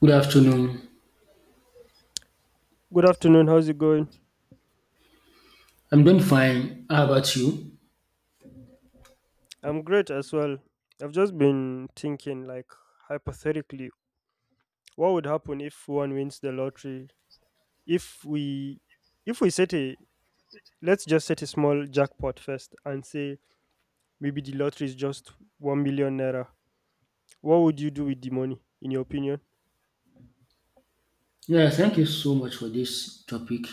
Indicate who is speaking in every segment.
Speaker 1: Good afternoon.
Speaker 2: Good afternoon. How's it going?
Speaker 1: I'm doing fine. How about you?
Speaker 2: I'm great as well. I've just been thinking, like, hypothetically, what would happen if one wins the lottery? If we, if we let's just set a small jackpot first and say maybe the lottery is just 1 million naira. What would you do with the money, in your opinion?
Speaker 1: Yeah, thank you so much for this topic.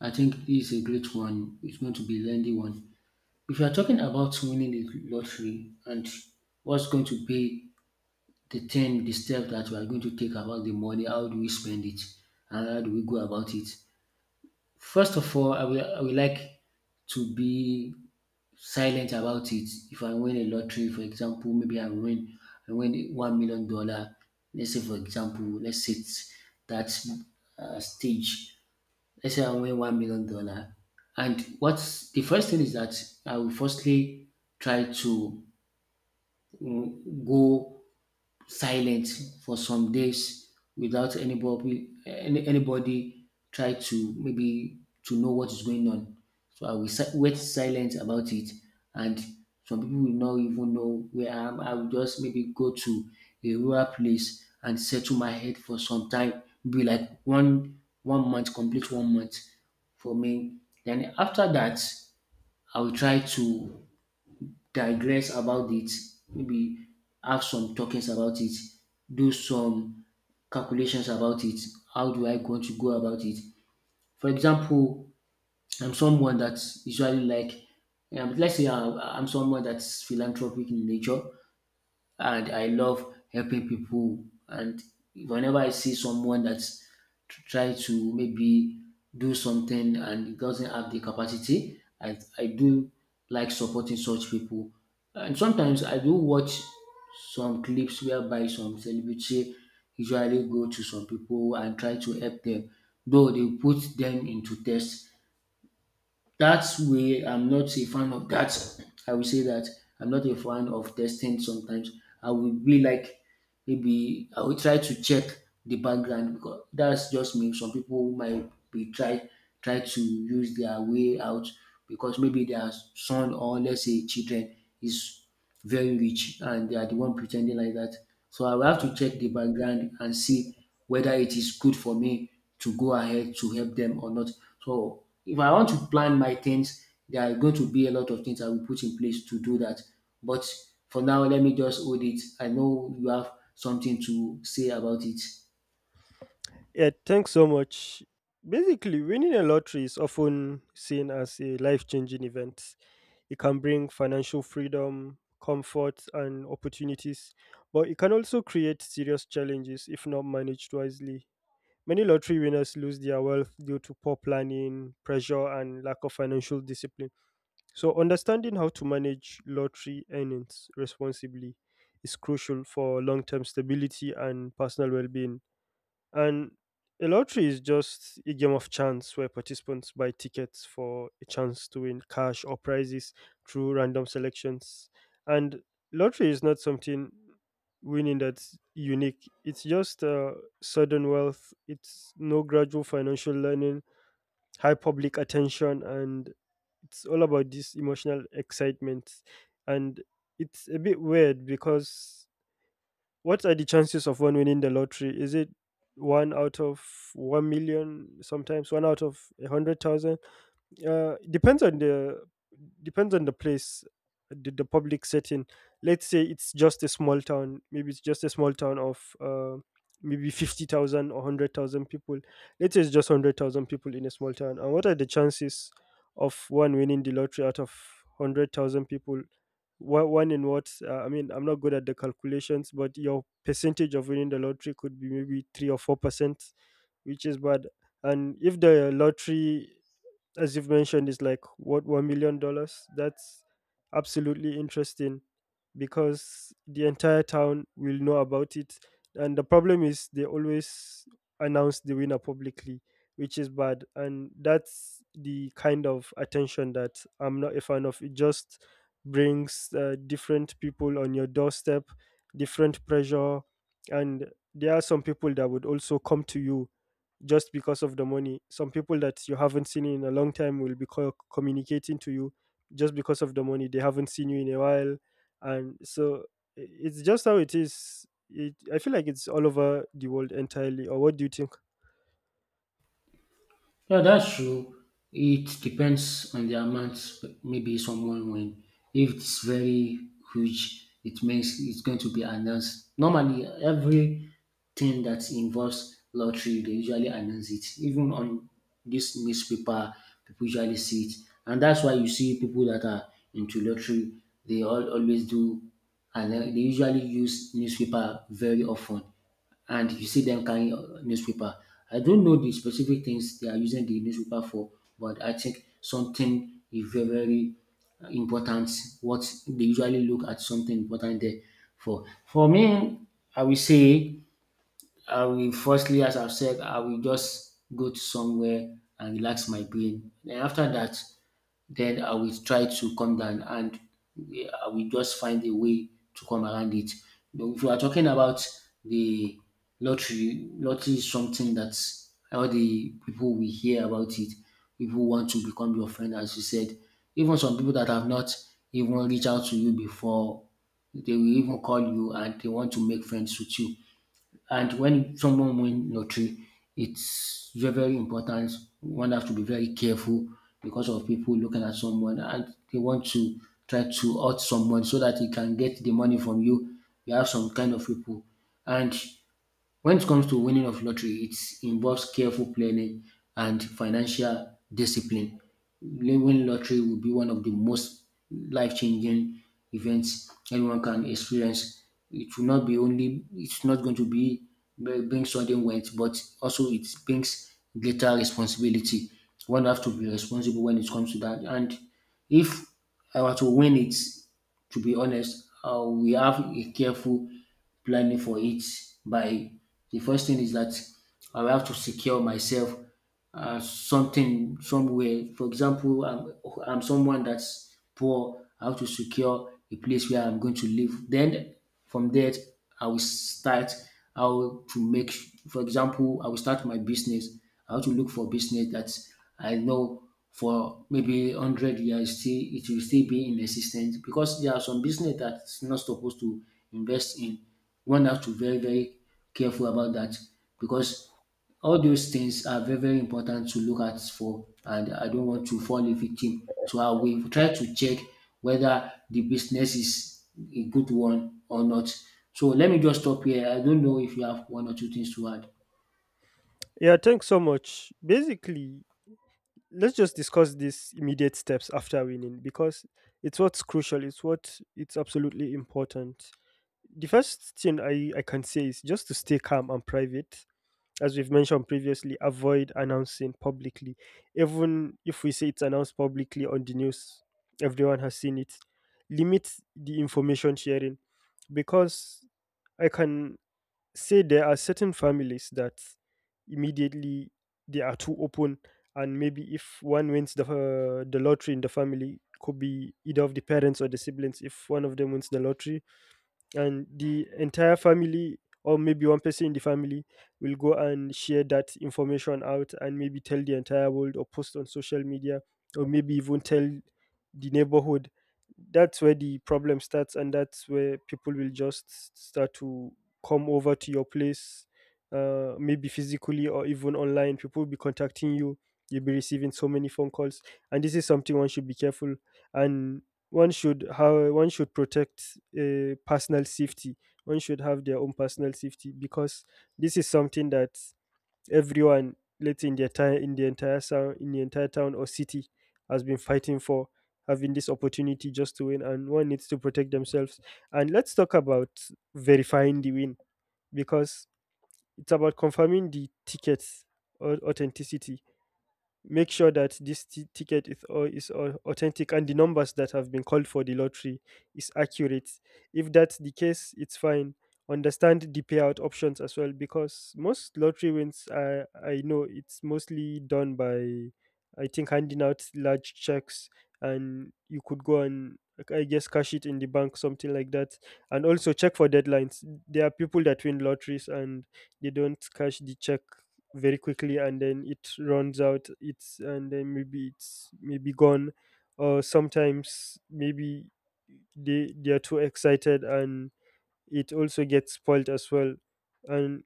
Speaker 1: I think this is a great one. It's going to be a lengthy one. If you are talking about winning the lottery and what's going to be the thing, the step that we are going to take about the money, how do we spend it, and how do we go about it? First of all, I will like to be silent about it. If I win a lottery, for example, maybe I win $1 million. Let's say, for example, let's set that stage. Let's say I win $1 million, and what's the first thing is that I will firstly try to go silent for some days without anybody try to maybe to know what is going on. So wait silent about it, and some people will not even know where I am. I will just maybe go to a rural place and settle my head for some time, be like one month, complete 1 month for me. Then after that, I will try to digress about it, maybe have some talkings about it, do some calculations about it. How do I going to go about it? For example, I'm someone that's usually like, let's say I I'm someone that's philanthropic in nature and I love helping people. And whenever I see someone that's try to maybe do something and doesn't have the capacity, I do like supporting such people. And sometimes I do watch some clips whereby some celebrity usually go to some people and try to help them, though they put them into test. That's way I'm not a fan of that. I will say that I'm not a fan of testing sometimes. I will be like maybe I will try to check the background because that's just me. Some people might be try to use their way out because maybe their son or let's say children is very rich and they are the one pretending like that. So I will have to check the background and see whether it is good for me to go ahead to help them or not. So if I want to plan my things, there are going to be a lot of things I will put in place to do that. But for now, let me just hold it. I know you have something to say about it.
Speaker 2: Yeah, thanks so much. Basically, winning a lottery is often seen as a life changing event. It can bring financial freedom, comfort, and opportunities, but it can also create serious challenges if not managed wisely. Many lottery winners lose their wealth due to poor planning, pressure, and lack of financial discipline. So, understanding how to manage lottery earnings responsibly is crucial for long term stability and personal well being. And a lottery is just a game of chance where participants buy tickets for a chance to win cash or prizes through random selections. And lottery is not something winning that's unique. It's just sudden wealth, it's no gradual financial learning, high public attention, and it's all about this emotional excitement. And it's a bit weird because what are the chances of one winning the lottery? Is it one out of 1 million, sometimes one out of 100,000? Depends on the place, the public setting. Let's say it's just a small town, maybe it's just a small town of maybe 50,000 or 100,000 people. Let's say it's just 100,000 people in a small town, and what are the chances of one winning the lottery out of 100,000 people? One in what? I mean, I'm not good at the calculations, but your percentage of winning the lottery could be maybe 3 or 4%, which is bad. And if the lottery, as you've mentioned, is like what, $1 million? That's absolutely interesting, because the entire town will know about it, and the problem is they always announce the winner publicly, which is bad, and that's the kind of attention that I'm not a fan of. It just brings different people on your doorstep, different pressure, and there are some people that would also come to you just because of the money. Some people that you haven't seen in a long time will be communicating to you just because of the money. They haven't seen you in a while, and so it's just how it is. It, I feel like it's all over the world entirely. Or what do you think?
Speaker 1: Yeah, that's true. It depends on the amount. Maybe someone when if it's very huge, it means it's going to be announced. Normally, everything that involves lottery, they usually announce it. Even on this newspaper, people usually see it, and that's why you see people that are into lottery. They all always do, and they usually use newspaper very often and you see them carrying newspaper. I don't know the specific things they are using the newspaper for, but I think something is very, very important. What they usually look at something important there for. For me, I will say I will firstly, as I've said, I will just go to somewhere and relax my brain. Then after that, then I will try to come down and I will just find a way to come around it. But if you are talking about the lottery, is something that all the people we hear about it, people want to become your friend, as you said. Even some people that have not even reached out to you before, they will even call you and they want to make friends with you. And when someone win lottery, it's very, very important. One has to be very careful because of people looking at someone and they want to try to hurt someone so that he can get the money from you. You have some kind of people. And when it comes to winning of lottery, it involves careful planning and financial discipline. Winning lottery will be one of the most life-changing events anyone can experience. It will not be only it's not going to be bring sudden wealth, but also it brings greater responsibility. One have to be responsible when it comes to that. And if I were to win it, to be honest, we have a careful planning for it. By the first thing is that I will have to secure myself something somewhere. For example, I'm someone that's poor. I have to secure a place where I'm going to live. Then from there, I will start how to make. For example, I will start my business. I have to look for business that I know for maybe 100 years still it will still be in existence because there are some business that's not supposed to invest in. One has to be very very careful about that because all those things are very very important to look at for, and I don't want to fall a victim, so I will try to check whether the business is a good one or not. So let me just stop here. I don't know if you have one or two things to add.
Speaker 2: Yeah, thanks so much. Basically, let's just discuss these immediate steps after winning because it's what's crucial. It's what, it's absolutely important. The first thing I can say is just to stay calm and private. As we've mentioned previously, avoid announcing publicly. Even if we say it's announced publicly on the news, everyone has seen it. Limit the information sharing, because I can say there are certain families that immediately they are too open, and maybe if one wins the lottery in the family, could be either of the parents or the siblings. If one of them wins the lottery, and the entire family or maybe one person in the family will go and share that information out and maybe tell the entire world or post on social media or maybe even tell the neighborhood, that's where the problem starts, and that's where people will just start to come over to your place, maybe physically or even online. People will be contacting you, you'll be receiving so many phone calls, and this is something one should be careful. And one should, how one should protect personal safety. One should have their own personal safety, because this is something that everyone, let's say in the entire, in the entire town, in the entire town or city, has been fighting for, having this opportunity just to win, and one needs to protect themselves. And let's talk about verifying the win, because it's about confirming the ticket's authenticity. Make sure that this ticket is, is authentic, and the numbers that have been called for the lottery is accurate. If that's the case, it's fine. Understand the payout options as well, because most lottery wins, I know, it's mostly done by, I think, handing out large checks, and you could go and, like, I guess cash it in the bank, something like that. And also check for deadlines. There are people that win lotteries and they don't cash the check very quickly, and then it runs out, it's, and then maybe it's maybe gone, or sometimes maybe they are too excited, and it also gets spoiled as well. And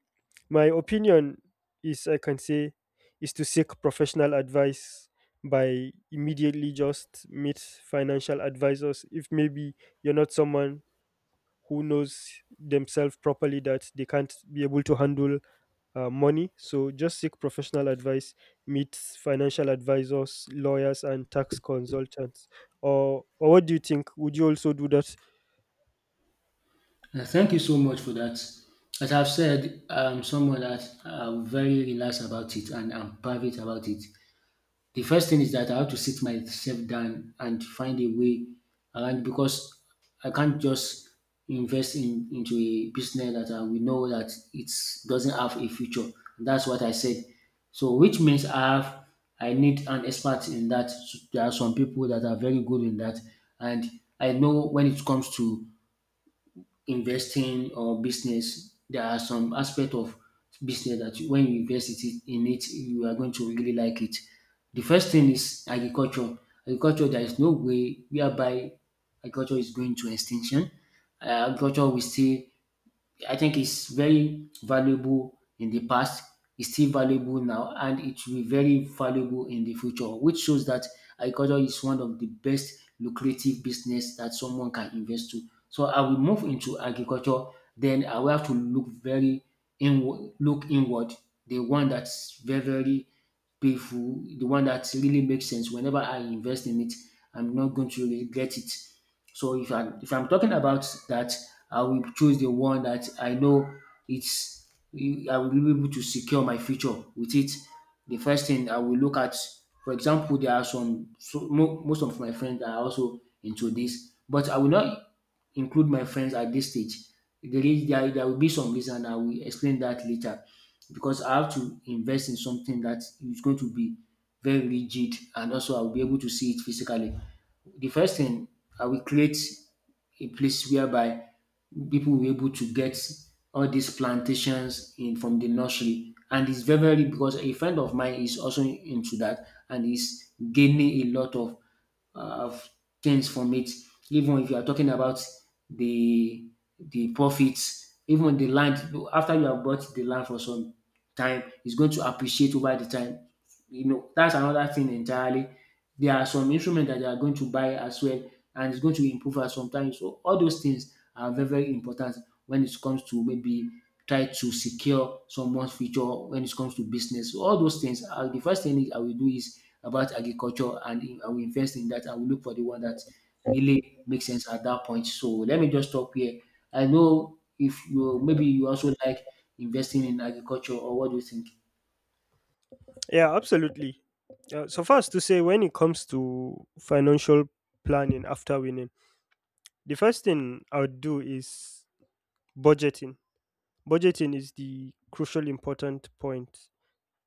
Speaker 2: my opinion is, I can say, is to seek professional advice by immediately just meet financial advisors if maybe you're not someone who knows themselves properly that they can't be able to handle money. So just seek professional advice, meet financial advisors, lawyers, and tax consultants. Or what do you think? Would you also do that?
Speaker 1: Thank you so much for that. As I've said, I'm someone that I'm very relaxed about it and I'm private about it. The first thing is that I have to sit myself down and find a way around because I can't just invest in into a business that I will know that it doesn't have a future. That's what I said. So, which means I need an expert in that. There are some people that are very good in that, and I know when it comes to investing or business, there are some aspect of business that when you in it, you are going to really like it. The first thing is agriculture. Agriculture, there is no way whereby agriculture is going to extinction. Agriculture will still, I think it's very valuable in the past, it's still valuable now, and it will be very valuable in the future, which shows that agriculture is one of the best lucrative business that someone can invest to. So I will move into agriculture, then I will have to look very inward, look inward, the one that's very, very painful, the one that really makes sense. Whenever I invest in it, I'm not going to regret it. So if I'm talking about that, I will choose the one that I know it's I will be able to secure my future with it. The first thing I will look at, for example, there are some so mo- most of my friends are also into this, but I will not include my friends at this stage. There will be some reason I will explain that later because I have to invest in something that is going to be very rigid and also I'll be able to see it physically. The first thing I will create a place whereby people were able to get all these plantations in from the nursery. And it's very, very because a friend of mine is also into that and is gaining a lot of uh, of things from it. Even if you are talking about the the profits, even the land after you have bought the land for some time, it's going to appreciate over the time. You know, that's another thing entirely. There are some instruments that they are going to buy as well, and it's going to improve us sometimes. So all those things are very, very important when it comes to maybe try to secure someone's future when it comes to business. So all those things. The first thing I will do is about agriculture, and I will invest in that. I will look for the one that really makes sense at that point. So let me just stop here. I know if you maybe you also like investing in agriculture, or what do you think?
Speaker 2: Yeah, absolutely. So first to say, when it comes to financial planning after winning, the first thing I would do is budgeting. Budgeting is the crucial important point.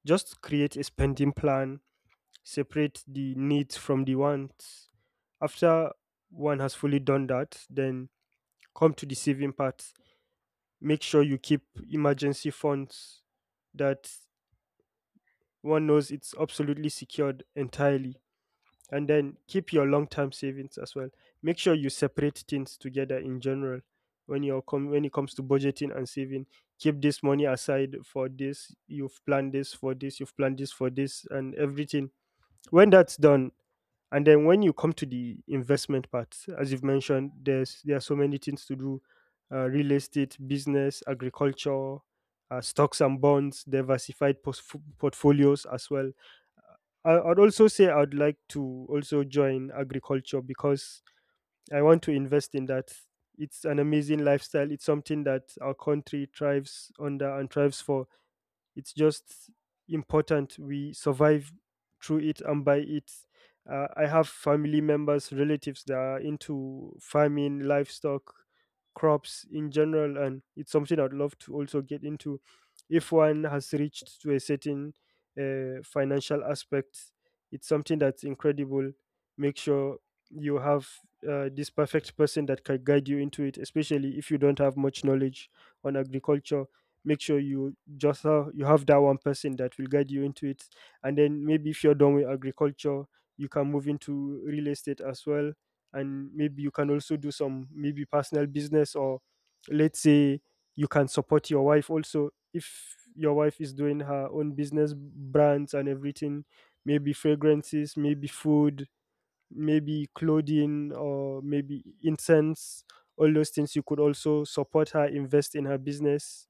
Speaker 2: Just create a spending plan, separate the needs from the wants. After one has fully done that, then come to the saving part. Make sure you keep emergency funds that one knows it's absolutely secured entirely. And then keep your long term savings as well. Make sure you separate things together in general. When it comes to budgeting and saving, keep this money aside for this. You've planned this for this. You've planned this for this, and everything. When that's done, and then when you come to the investment part, as you've mentioned, there are so many things to do: real estate, business, agriculture, stocks and bonds, diversified portfolios as well. I'd also say I'd like to also join agriculture because I want to invest in that. It's an amazing lifestyle. It's something that our country thrives under and thrives for. It's just important we survive through it and by it. I have family members, relatives that are into farming, livestock, crops in general, and it's something I'd love to also get into. If one has reached to a certain financial aspect, it's something that's incredible. Make sure you have this perfect person that can guide you into it, especially if you don't have much knowledge on agriculture. Make sure you, just how you have that one person that will guide you into it. And then maybe if you're done with agriculture, you can move into real estate as well. And maybe you can also do some maybe personal business, or let's say you can support your wife also, if your wife is doing her own business, brands and everything, maybe fragrances, maybe food, maybe clothing, or maybe incense. All those things, you could also support her, invest in her business.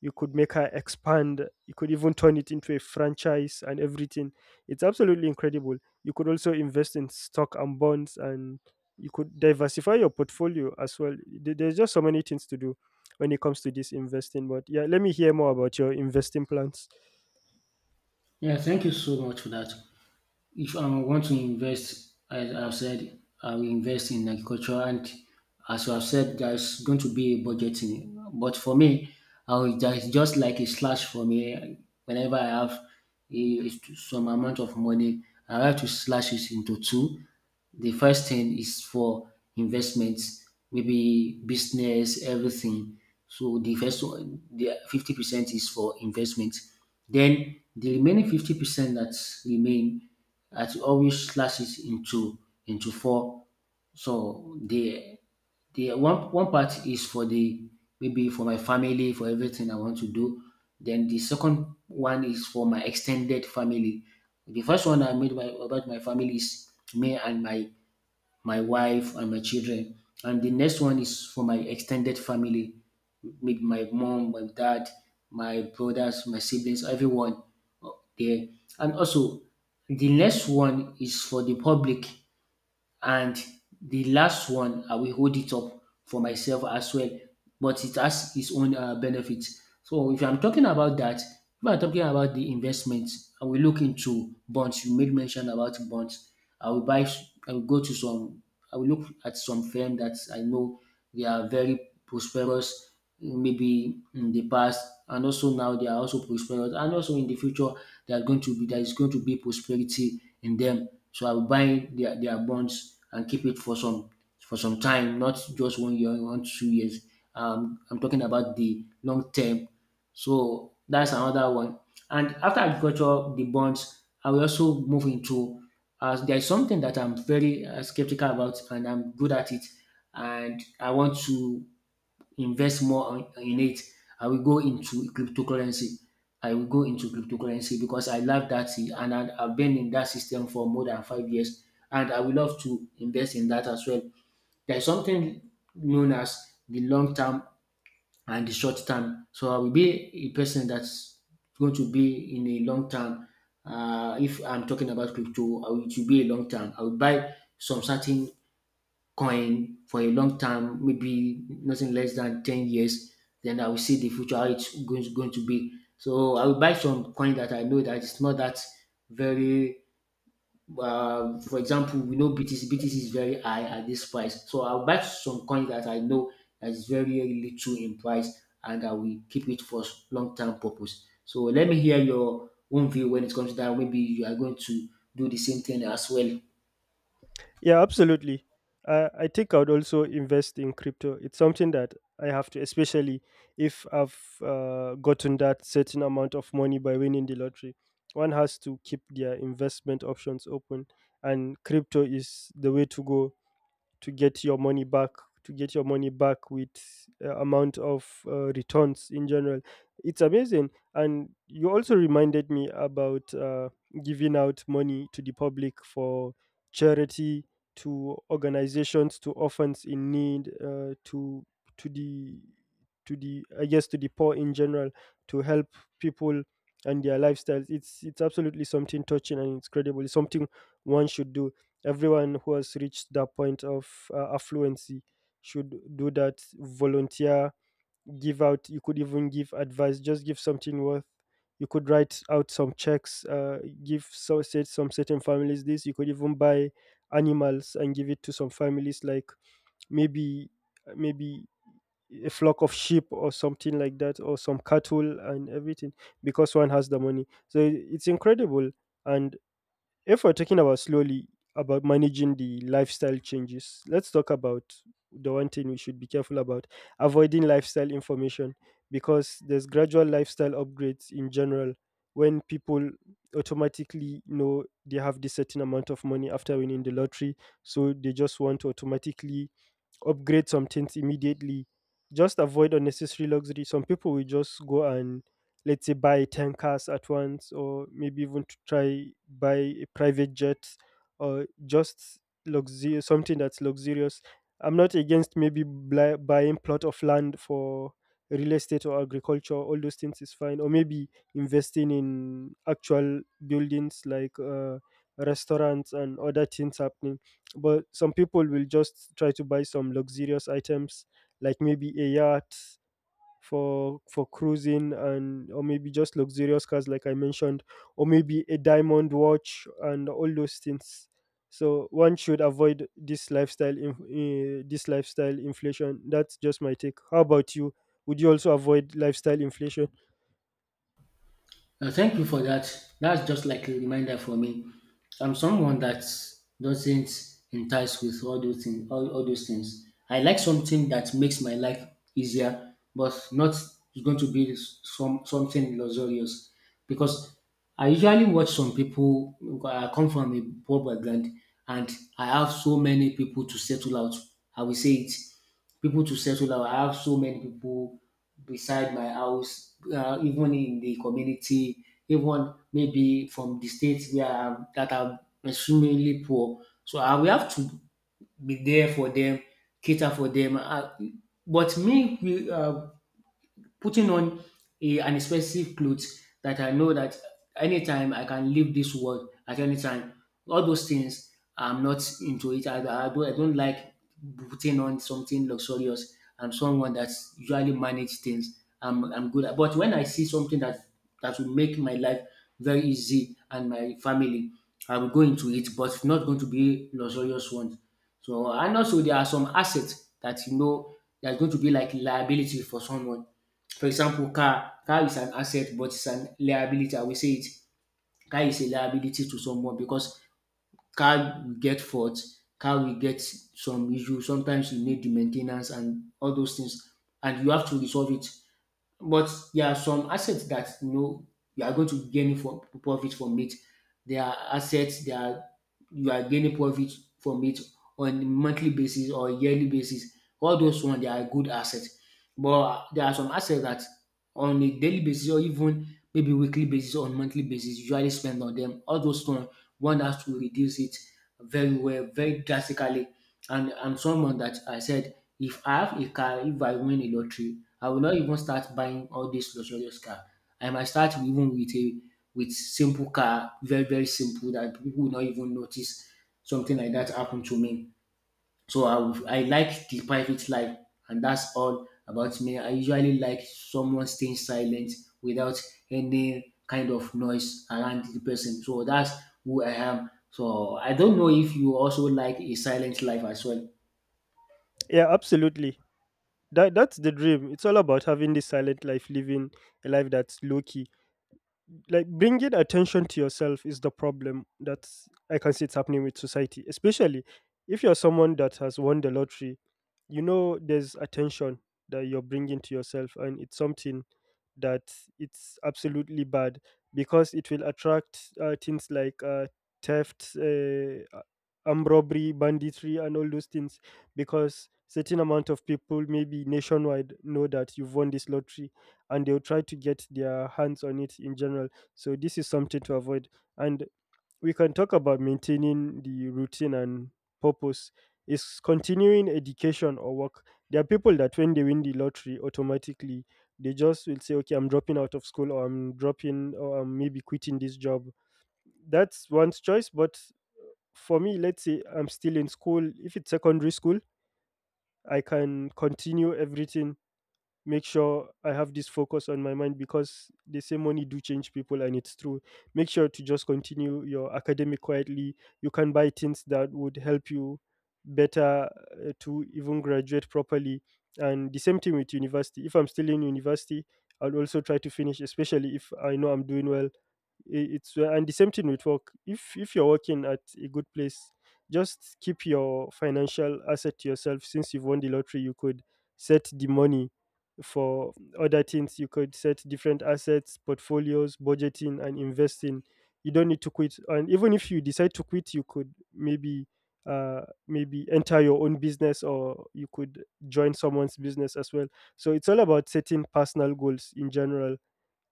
Speaker 2: You could make her expand, you could even turn it into a franchise and everything. It's absolutely incredible. You could also invest in stock and bonds, and you could diversify your portfolio as well. There's just so many things to do when it comes to this investing. But yeah, let me hear more about your investing plans.
Speaker 1: Yeah, thank you so much for that. If I want to invest, as I've said, I will invest in agriculture. And as I've said, there's going to be a budgeting. But for me, I will just like a slash for me. Whenever I have a, some amount of money, I have to slash it into 2. The first thing is for investments, maybe business, everything. So the first one, the 50% is for investment. Then the remaining 50% that remain, I always slash it into 4. So the the one part is for the maybe for my family, for everything I want to do. Then the second one is for my extended family. The first one about my family is me and my wife and my children, and the next one is for my extended family, maybe my mom, my dad, my brothers, my siblings, everyone uh, there. And also, the next one is for the public and the last one I will hold it up for myself as well, but it has its own benefit. So if I'm talking about that, if I'm talking about the investment, I will look into bonds. You made mention about bonds. I will buy, I will go to some, I will look at some firm that I know they are very prosperous maybe in the past, and also now they are also prosperous, and also in the future they are going to be there is going to be prosperity in them. So I will buy their bonds and keep it for some time, not just 1 year, 1 2 years. I'm talking about the long term. So that's another one. And after agriculture, the bonds, I will also move into as there is something that I'm very skeptical about, and I'm good at it, and I want to invest in it. I will go into cryptocurrency. I will go into cryptocurrency because I love that, eh, and I've been in that system for more than 5 years, and I would love to invest in that as well. There is something known as the long-term and the short term. So I will be a person that's going to be in a long term. If I'm talking about crypto, I will to be a long term. I will buy some certain coin for a long term, maybe nothing less than 10 years. Then I will see the future how going to be. So I will buy some coin that I know that it's not that very um. For example, we know BTC is very high at this price, so I'll buy some coins that I know that is very little in price, and I will keep it for long term purpose. So let me hear your own view when it comes to that. Maybe you are going to do the same thing as well.
Speaker 2: Yeah, absolutely. I think I would also invest in crypto. It's something that I have to, especially if I've gotten that certain amount of money by winning the lottery. One has to keep their investment options open, and crypto is the way to go, to get your money back, to get your money back with amount of returns in general. It's amazing. And you also reminded me about giving out money to the public for charity, to organizations, to orphans in need, to the, to the, I guess, to the poor in general, to help people and their lifestyles. It's absolutely something touching, and it's credible, it's something one should do. Everyone who has reached that point of affluency should do that. Volunteer, give out. You could even give advice. Just give something worth. You could write out some checks. Give so, say some certain families this. You could even buy animals and give it to some families, like maybe maybe a flock of sheep or something like that, or some cattle and everything, because one has the money. So it's incredible. And if we're talking about slowly about managing the lifestyle changes, let's talk about the one thing we should be careful about, avoiding lifestyle information, because there's gradual lifestyle upgrades in general. When people automatically know they have this certain amount of money after winning the lottery, so they just want to automatically upgrade some things immediately. Just avoid unnecessary luxury. Some people will just go and let's say buy 10 cars at once or maybe even to try buy a private jet or just luxury, something that's luxurious. I'm not against maybe buying plot of land for real estate or agriculture. All those things is fine. Or maybe investing in actual buildings like restaurants and other things happening, but some people will just try to buy some luxurious items, like maybe a yacht for cruising, and or maybe just luxurious cars like I mentioned, or maybe a diamond watch and all those things. So one should avoid this this lifestyle inflation. That's just my take. How about you? Would you also avoid lifestyle inflation?
Speaker 1: Thank you for that. That's just like a reminder for me. I'm someone that doesn't entice with all those things. All those things. I like something that makes my life easier, but not it's going to be some something luxurious. Because I usually watch some people. I come from a poor background, and I have so many people to settle out. I will say it People to settle down. I have so many people beside my house, even in the community, even maybe from the states where I am, that are extremely poor. So I will have to be there for them, cater for them. But me, we, uh, Putting on an expensive clothes that I know that anytime I can leave this world at any time. All those things, I'm not into it. I don't like putting on something luxurious. I'm someone that's usually manage things. I'm good at. But when I see something that will make my life very easy, and my family, I will go into it. But not going to be luxurious ones. So and also there are some assets that you know there's going to be like liability for someone. For example, car is an asset but it's an liability. I will say it, car is a liability to someone because car will get fault, car will get some issue. Sometimes you need the main ten ance and all those things, and you have to resolve it. But there are some assets that you know you are going to gain from profit from it. There are assets that are, you are gaining profit from it on a monthly basis or yearly basis. All those ones they are good assets. But there are some assets that on a daily basis, or even maybe weekly basis or monthly basis, you usually spend on them. All those ones one has to reduce it very well, very drastically. And someone that I said, if I have a car, if I win a lottery, I will not even start buying all this luxurious car. I might start even with simple car, very simple that people will not even notice something like that happened to me. So I will, I like the private life, and that's all about me. I usually like someone staying silent without any kind of noise around the person. So that's who I am. So I don't know if you also like a silent life as well.
Speaker 2: Yeah, absolutely. That's the dream. It's all about having this silent life, living a life that's low key. Like bringing attention to yourself is the problem that I can see it's happening with society, especially if you're someone that has won the lottery. You know, there's attention that you're bringing to yourself, and it's something that it's absolutely bad because it will attract things like theft, armed robbery, banditry, and all those things. Because certain amount of people, maybe nationwide, know that you've won this lottery, and they'll try to get their hands on it in general, so this is something to avoid. And we can talk about maintaining the routine and purpose. Is continuing education or work. There are people that when they win the lottery automatically they just will say, "Okay, I'm dropping out of school, or I'm dropping, or I'm maybe quitting this job." That's one's choice. But for me, let's say I'm still in school. If it's secondary school, I can continue everything, make sure I have this focus on my mind, because they say money do change people, and it's true. Make sure to just continue your academic quietly. You can buy things that would help you better to even graduate properly. And the same thing with university. If I'm still in university, I'll also try to finish, especially if I know I'm doing well. I- It's And the same thing with work. If you're working at a good place, just keep your financial asset to yourself. Since you've won the lottery, you could set the money for other things. You could set different assets, portfolios, budgeting, and investing. You don't need to quit. And even if you decide to quit, you could uh, maybe enter your own business, or you could join someone's business as well. So it's all about setting personal goals in general.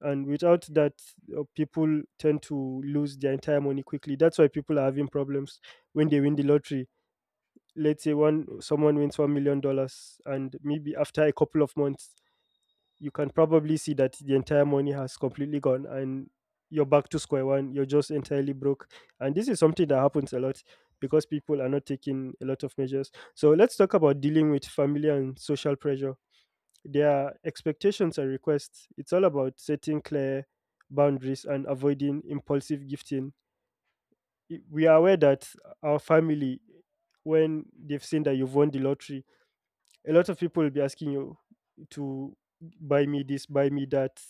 Speaker 2: And without that, people tend to lose their entire money quickly. That's why people are having problems when they win the lottery. Let's say one someone wins $1 million, and maybe after a couple of months you can probably see that the entire money has completely gone, and you're back to square one. You're just entirely broke, and this is something that happens a lot because people are not taking a lot of measures. So let's talk about dealing with family and social pressure, their expectations and requests. It's all about setting clear boundaries and avoiding impulsive gifting. We are aware that our family, when they've seen that you've won the lottery, a lot of people will be asking you to buy me this, buy me that,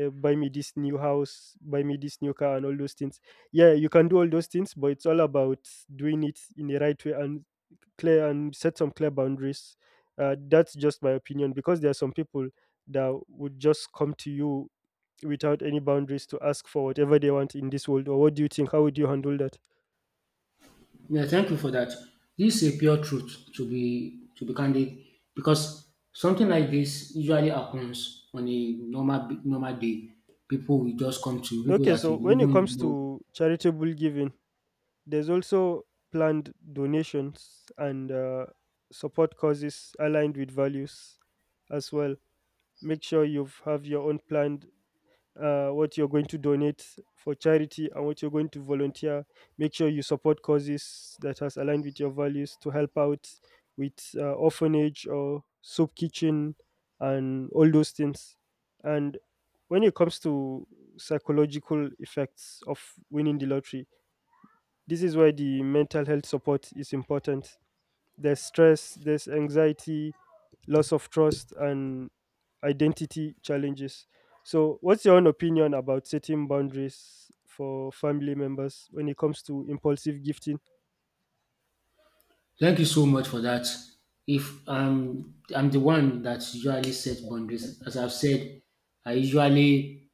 Speaker 2: buy me this new house, buy me this new car, and all those things. Yeah, you can do all those things, but it's all about doing it in the right way and clear and set some clear boundaries. That's just my opinion, because there are some people that would just come to you without any boundaries to ask for whatever they want in this world. Or what do you think? How would you handle that?
Speaker 1: Yeah, thank you for that. This is a pure truth to be candid because something like this usually happens on a normal normal day. People will just come to you, people
Speaker 2: Okay,
Speaker 1: that
Speaker 2: so
Speaker 1: you
Speaker 2: when it
Speaker 1: even
Speaker 2: comes
Speaker 1: know.
Speaker 2: to charitable giving, there's also planned donations and support causes aligned with values as well. Make sure you have your own planned what you're going to donate for charity and what you're going to volunteer. Make sure you support causes that has aligned with your values to help out with orphanage or soup kitchen and all those things. And when it comes to psychological effects of winning the lottery, this is why the mental health support is important. There's stress, there's anxiety, loss of trust, and identity challenges. So, what's your own opinion about setting boundaries for family members when it comes to impulsive gifting?
Speaker 1: Thank you so much for that. If I I'm the one that usually sets boundaries. As I've said, I usually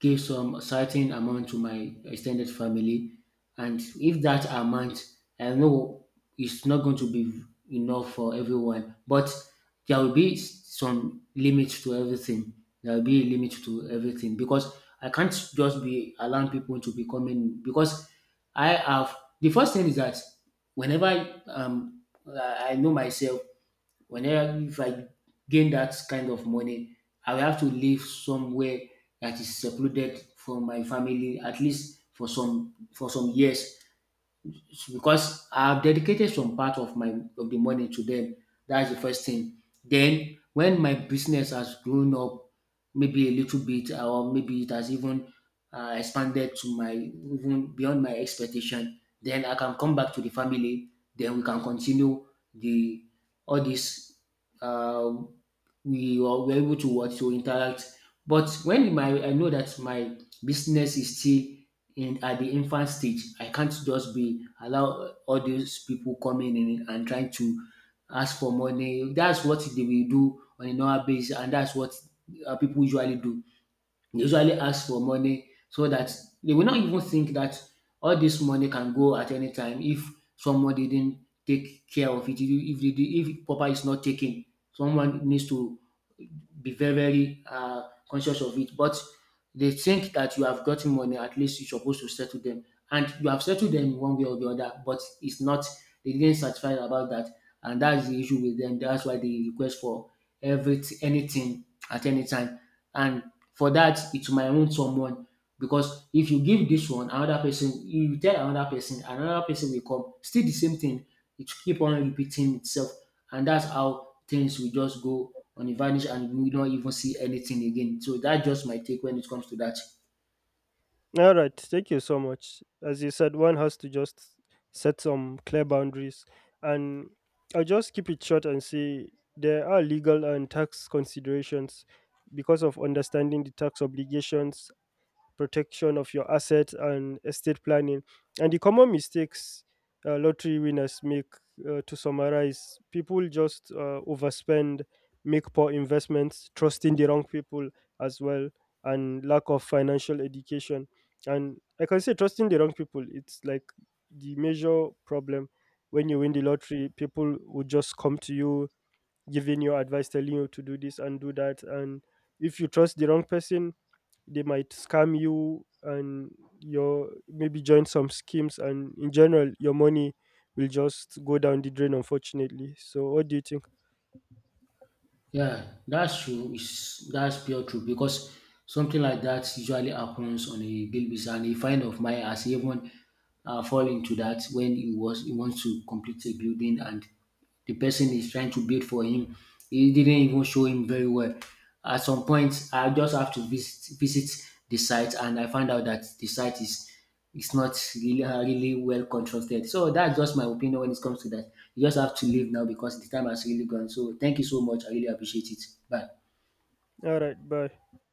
Speaker 1: give some certain amount to my extended family, and if that amount I know it's not going to be enough for everyone, but there will be some limit to everything. There will be a limit to everything because I can't just be allowing people to be coming. Because I have, the first thing is that whenever I, I know myself, whenever if I gain that kind of money, I will have to live somewhere that is secluded from my family, at least for some years, because I've dedicated some part of my of the money to them. That's the first thing. Then when my business has grown up, maybe a little bit, or maybe it has even expanded to my even beyond my expectation, then I can come back to the family. Then we can continue the all this. Uh, we were able to what to interact. But when my I know that my business is still in at the infant stage, I can't just be allow all those people coming in and trying to ask for money. That's what they will do on a normal basis, and that's what people usually do. They usually ask for money, so that they will not even think that all this money can go at any time if someone didn't take care of it, if proper is not taken. Someone needs to be very conscious of it. But they think that you have gotten money, at least you're supposed to settle them. And you have settled them one way or the other, but it's not, they didn't satisfy about that. And that's the issue with them. That's why they request for every anything at any time. And for that, it might wound someone. Because if you give this one, another person, you tell another person will come. Still the same thing. It keep on repeating itself, and that's how things will just go on the vanish, and we don't even see anything again. So that's just my take when it comes to that.
Speaker 2: All right, thank you so much. As you said, one has to just set some clear boundaries, and I'll just keep it short and say there are legal and tax considerations, because of understanding the tax obligations, protection of your assets, and estate planning. And the common mistakes lottery winners make, to summarize, people just overspend, make poor investments, trusting the wrong people as well, and lack of financial education. And I can say trusting the wrong people, it's like the major problem. When you win the lottery, people will just come to you giving you advice, telling you to do this and do that. And if you trust the wrong person, they might scam you and your maybe join some schemes, and in general your money will just go down the drain, unfortunately. So what do you think?
Speaker 1: Yeah, that's true. That's pure true because something like that usually happens on a daily basis. And a friend of mine has even fall into that when he wants to complete a building, and the person is trying to build for him. He didn't even show him very well. At some point, I just have to visit the site, and I find out that the site is it's not really really well contrasted. So that's just my opinion when it comes to that. You just have to leave now because the time has really gone. So thank you so much. I really appreciate it. Bye.
Speaker 2: All right, bye.